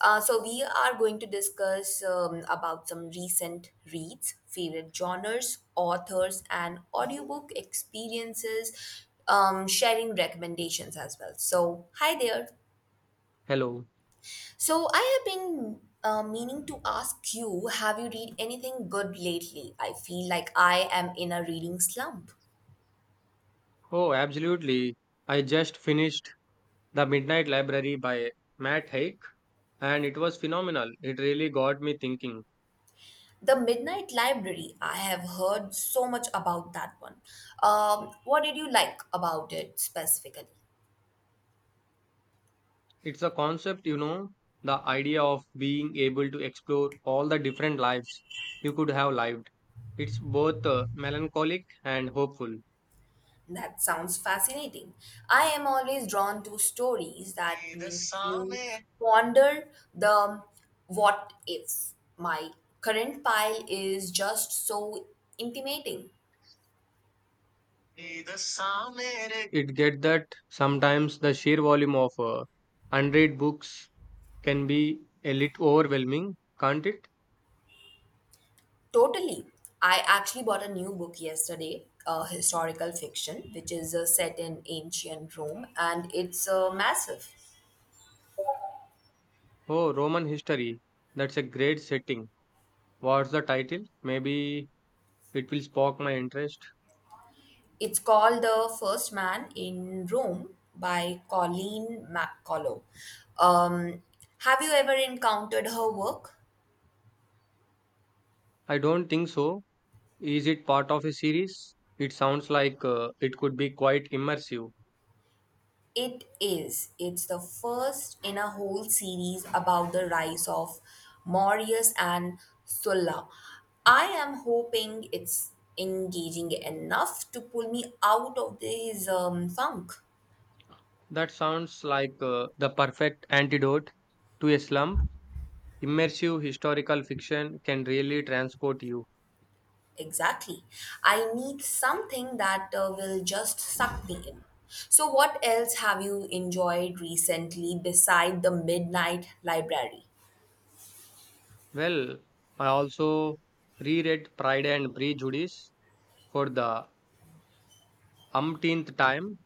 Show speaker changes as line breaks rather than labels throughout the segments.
So we are going to discuss about some recent reads, favorite genres, authors, and audiobook experiences. Sharing recommendations as well. So, hi there.
Hello.
So, I have been meaning to ask, you have you read anything good lately? I feel like I am in a reading slump.
Oh, absolutely. I just finished The Midnight Library by Matt Haig, and it was phenomenal. It really got me thinking.
The Midnight Library, I have heard so much about that one. What did you like about it specifically?
It's a concept, you know, the idea of being able to explore all the different lives you could have lived. It's both melancholic and hopeful.
That sounds fascinating. I am always drawn to stories that make you ponder the what ifs. My current pile is just so intimating.
It get that sometimes the sheer volume of unread books can be a little overwhelming, can't it?
Totally. I actually bought a new book yesterday, a historical fiction, which is set in ancient Rome, and it's massive.
Oh, Roman history. That's a great setting. What's the title? Maybe it will spark my interest.
It's called The First Man in Rome by Colleen McCullough. Um, have you ever encountered her work?
I don't think so. Is it part of a series? It sounds like it could be quite immersive.
It is. It's the first in a whole series about the rise of Marius and Sulla. I am hoping it's engaging enough to pull me out of this funk.
That sounds like the perfect antidote to a slump. Immersive historical fiction can really transport you.
Exactly. I need something that will just suck me in. So, what else have you enjoyed recently beside the Midnight Library?
Well, I also reread Pride and Prejudice for the umpteenth time.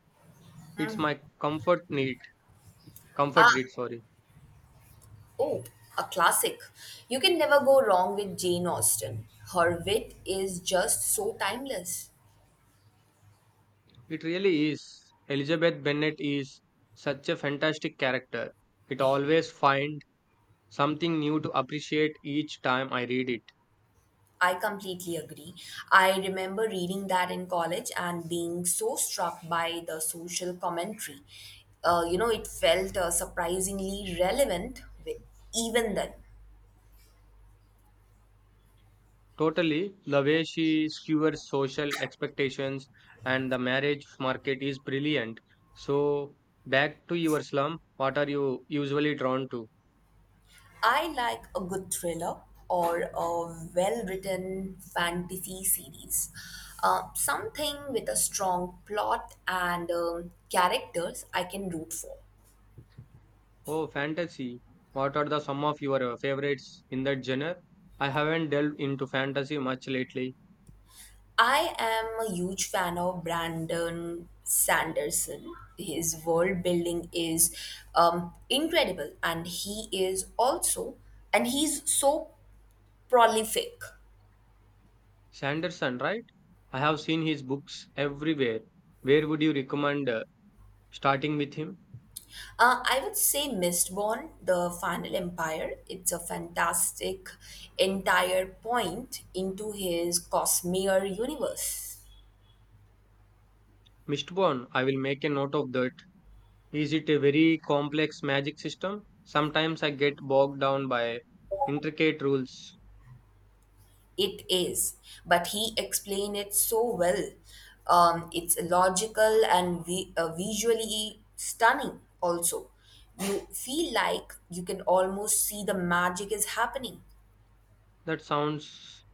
It's my comfort need,
Ah,
comfort read, sorry.
oh, a classic. You can never go wrong with Jane Austen. Her wit is just so timeless.
It really is. Elizabeth Bennet is such a fantastic character. It always find something new to appreciate each time I read it.
I completely agree. I remember reading that in college and being so struck by the social commentary. It felt surprisingly relevant even then.
Totally, the way she skewers social expectations and the marriage market is brilliant. So, back to your slum, what are you usually drawn to?
I like a good thriller or a well written fantasy series. Something with a strong plot and characters I can root for.
Oh, fantasy. What are the some of your favorites in that genre? I haven't delved into fantasy much lately.
I am a huge fan of Brandon Sanderson. His world building is incredible, and he's so prolific.
Sanderson, right? I have seen his books everywhere. Where would you recommend starting with him?
I would say Mistborn, The Final Empire. It's a fantastic entire point into his Cosmere universe.
Mistborn, I will make a note of that. Is it a very complex magic system? Sometimes I get bogged down by intricate rules.
It is, but he explained it so well. It's logical and visually stunning, also. You feel like you can almost see the magic is happening.
That sounds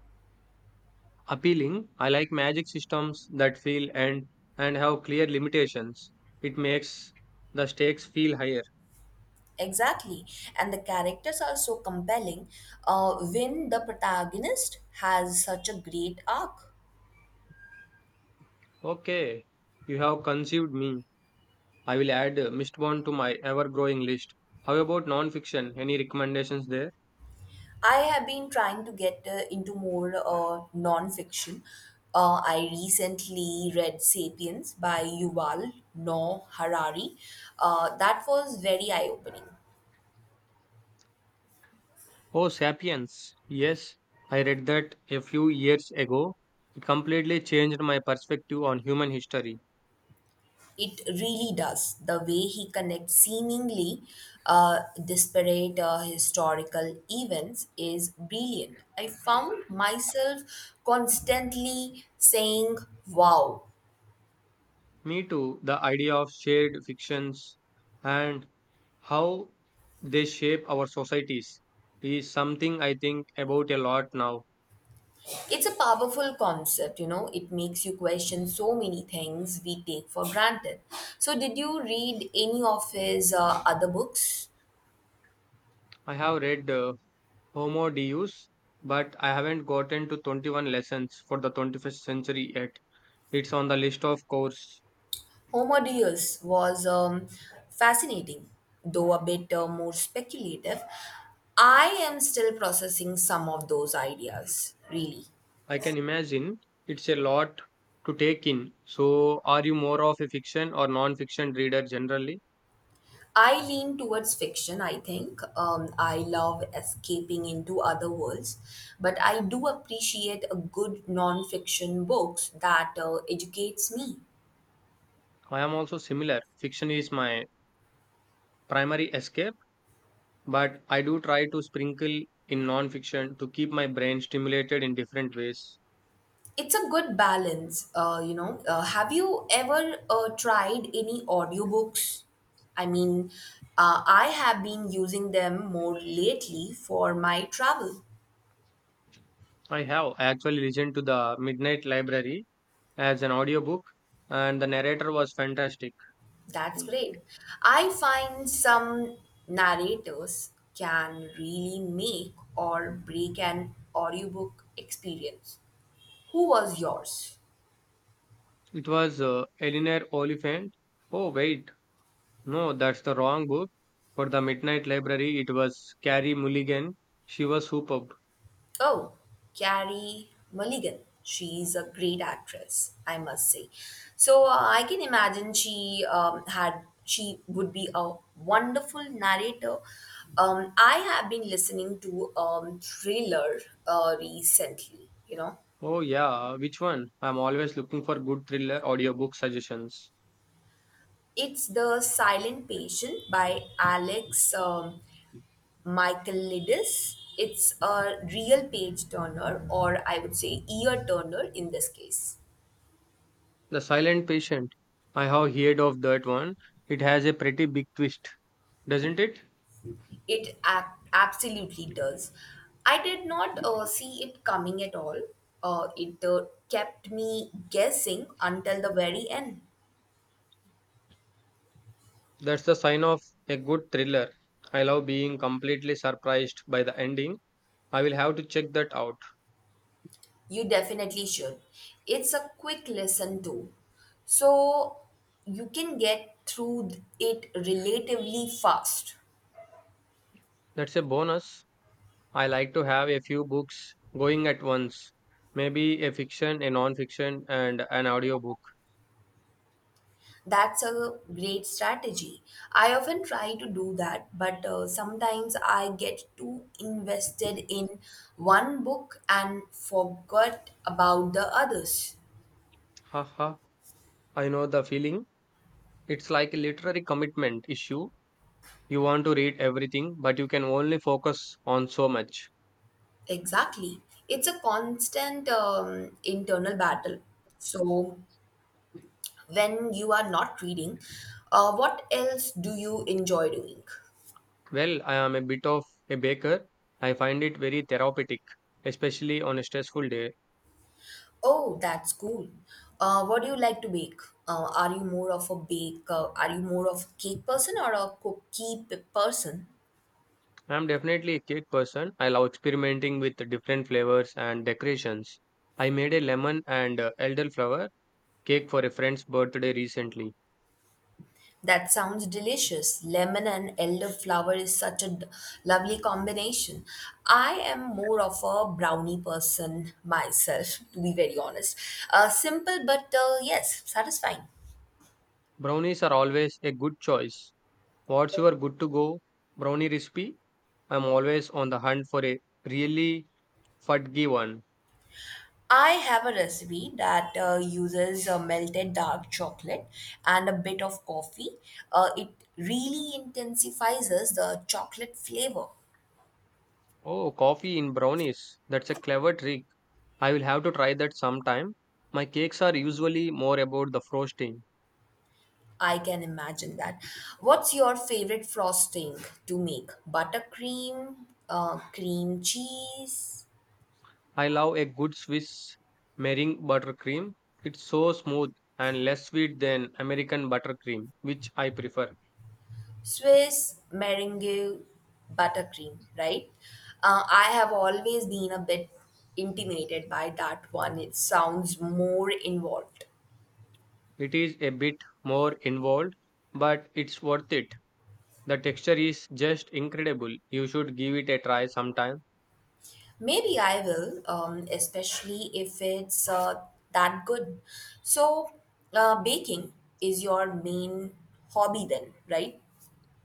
appealing. I like magic systems that feel and have clear limitations. It makes the stakes feel higher.
Exactly. And the characters are so compelling. Vin, the protagonist, has such a great arc.
Okay, you have conceived me. I will add Mistborn to my ever growing list. How about non-fiction? Any recommendations there?
I have been trying to get into more non-fiction. I recently read *Sapiens* by Yuval Noah Harari. That was very eye-opening.
Oh, Sapiens. Yes, I read that a few years ago. It completely changed my perspective on human history.
It really does. The way he connects seemingly disparate historical events is brilliant. I found myself constantly saying, wow.
Me too, the idea of shared fictions and how they shape our societies is something I think about a lot now.
It's a powerful concept, you know. It makes you question so many things we take for granted. So, did you read any of his other books?
I have read Homo Deus, but I haven't gotten to 21 lessons for the 21st century yet. It's on the list, of course.
Homodeus was fascinating, though a bit more speculative. I am still processing some of those ideas, really.
I can imagine it's a lot to take in. So, are you more of a fiction or non fiction reader generally?
I lean towards fiction, I think. I love escaping into other worlds, but I do appreciate a good non-fiction books that educates me.
I am also similar. Fiction is my primary escape, but I do try to sprinkle in non fiction to keep my brain stimulated in different ways.
It's a good balance, you know. Have you ever tried any audiobooks? I mean, I have been using them more lately for my travel.
I have actually listened to The Midnight Library as an audiobook, and the narrator was fantastic.
That's great. I find some narrators can really make or break an audiobook experience. Who was yours?
It was Eleanor Oliphant. Oh, wait. No, that's the wrong book. For the Midnight Library, it was Carrie Mulligan. She was superb.
Oh, Carrie Mulligan. She's a great actress, I must say. So I can imagine she had she would be a wonderful narrator. I have been listening to thriller recently. You know,
Oh, yeah, which one? I'm always looking for good thriller audiobook suggestions.
it's the Silent Patient by Alex Michaelides. It's a real page turner, or I would say ear turner in this case.
The Silent Patient. I have heard of that one. It has a pretty big twist, doesn't it?
It ac- absolutely does. I did not see it coming at all. It kept me guessing until the very end.
That's the sign of a good thriller. I love being completely surprised by the ending. I will have to check that out.
You definitely should. It's a quick listen, too. So you can get through it relatively fast.
That's a bonus. I like to have a few books going at once, maybe a fiction, a non fiction, and an audiobook.
That's a great strategy. I often try to do that, but sometimes I get too invested in one book and forget about the others.
Haha, I know the feeling. It's like a literary commitment issue. You want to read everything, but you can only focus on so much.
Exactly. It's a constant internal battle. So, when you are not reading, what else do you enjoy doing?
Well, I am a bit of a baker. I find it very therapeutic, especially on a stressful day.
Oh, that's cool. What do you like to bake? Are you more of a bake? Are you more of a cake person or a person?
I am definitely a cake person. I love experimenting with different flavors and decorations. I made a lemon and elderflower cake for a friend's birthday recently.
That sounds delicious. Lemon and elderflower is such a lovely combination. I am more of a brownie person myself, to be very honest. Simple but yes, satisfying.
Brownies are always a good choice. What's your good to go brownie recipe? I'm always on the hunt for a really fudgy one.
I have a recipe that uses melted dark chocolate and a bit of coffee. It really intensifies the chocolate flavor.
Oh, coffee in brownies. That's a clever trick. I will have to try that sometime. My cakes are usually more about the frosting.
I can imagine that. What's your favorite frosting to make? Buttercream, cream cheese,
I love a good Swiss meringue buttercream. It's so smooth and less sweet than American buttercream, which I prefer.
Swiss meringue buttercream, right? I have always been a bit intimidated by that one. It sounds more involved.
It is a bit more involved, but it's worth it. The texture is just incredible. You should give it a try sometime.
Maybe I will, especially if it's that good. So, baking is your main hobby then, right?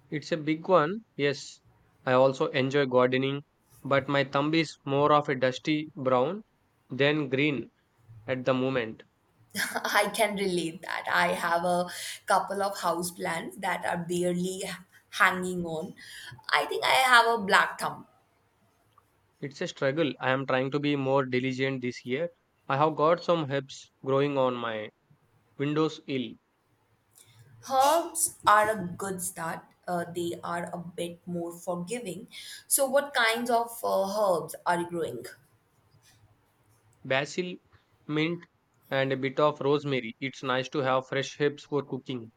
It's a big one, yes. I also enjoy gardening, but my thumb is more of a dusty brown than green at the moment.
I can relate that. I have a couple of house plants that are barely hanging on. I think I have a black thumb.
It's a struggle. I am trying to be more diligent this year. I have got some herbs growing on my windowsill:
Herbs are a good start. They are a bit more forgiving. So, what kinds of herbs are you growing?
basil, mint, and a bit of rosemary. It's nice to have fresh herbs for cooking.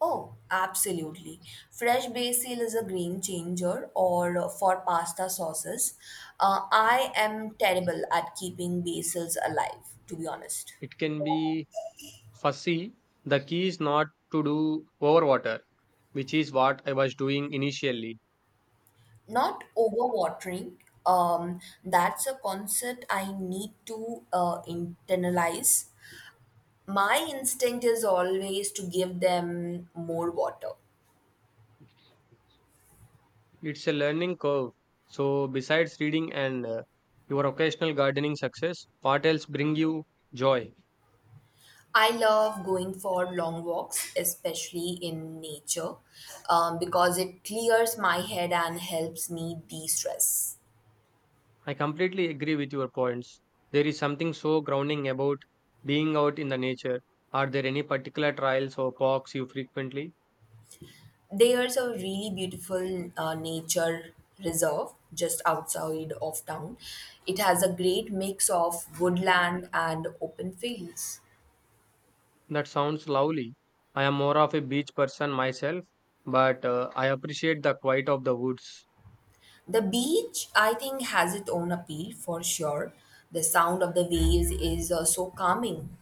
Oh, absolutely. Fresh basil is a game changer or for pasta sauces. I am terrible at keeping basils alive, to be honest.
It can be fussy. The key is not to do overwater which is what I was doing initially.
Not overwatering. Um, that's a concept I need to internalize. My instinct is always to give them more water.
It's a learning curve. So, besides reading and your occasional gardening success, what else bring you joy?
I love going for long walks, especially in nature, because it clears my head and helps me de stress.
I completely agree with your points. There is something so grounding about being out in the nature. Are there any particular trails or parks you frequently?
There's a really beautiful nature reserve just outside of town. It has a great mix of woodland and open fields.
That sounds lovely. I am more of a beach person myself, but I appreciate the quiet of the woods.
The beach, I think, has its own appeal for sure. The sound of the waves is so calming.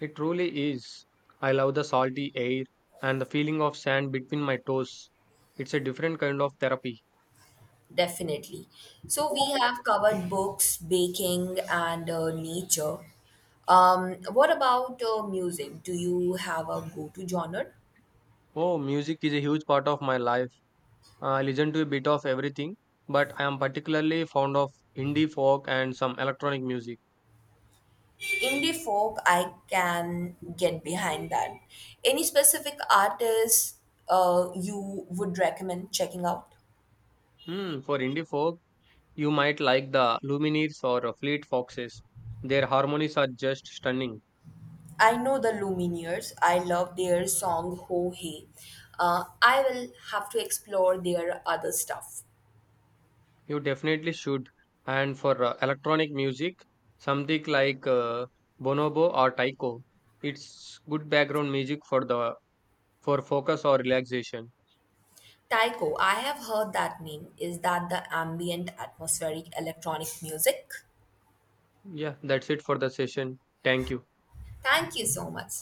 It truly is. I love the salty air and the feeling of sand between my toes. It's a different kind of therapy.
Definitely. So we have covered books, baking, and nature. What about music? Do you have a go-to genre?
Oh, music is a huge part of my life. I listen to a bit of everything, but I am particularly fond of indie folk and some electronic music.
Indie folk, I can get behind that. Any specific artists you would recommend checking out?
Hmm, for indie folk, you might like the Lumineers or Fleet Foxes. Their harmonies are just stunning.
I know the Lumineers. I love their song Ho Hey. I will have to explore their other stuff.
You definitely should. And for electronic music, something like bonobo or taiko, it's good background music for the for focus or relaxation.
Taiko, I have heard that name. Is that the ambient atmospheric electronic music?
Yeah, that's it for the session. Thank you.
Thank you so much.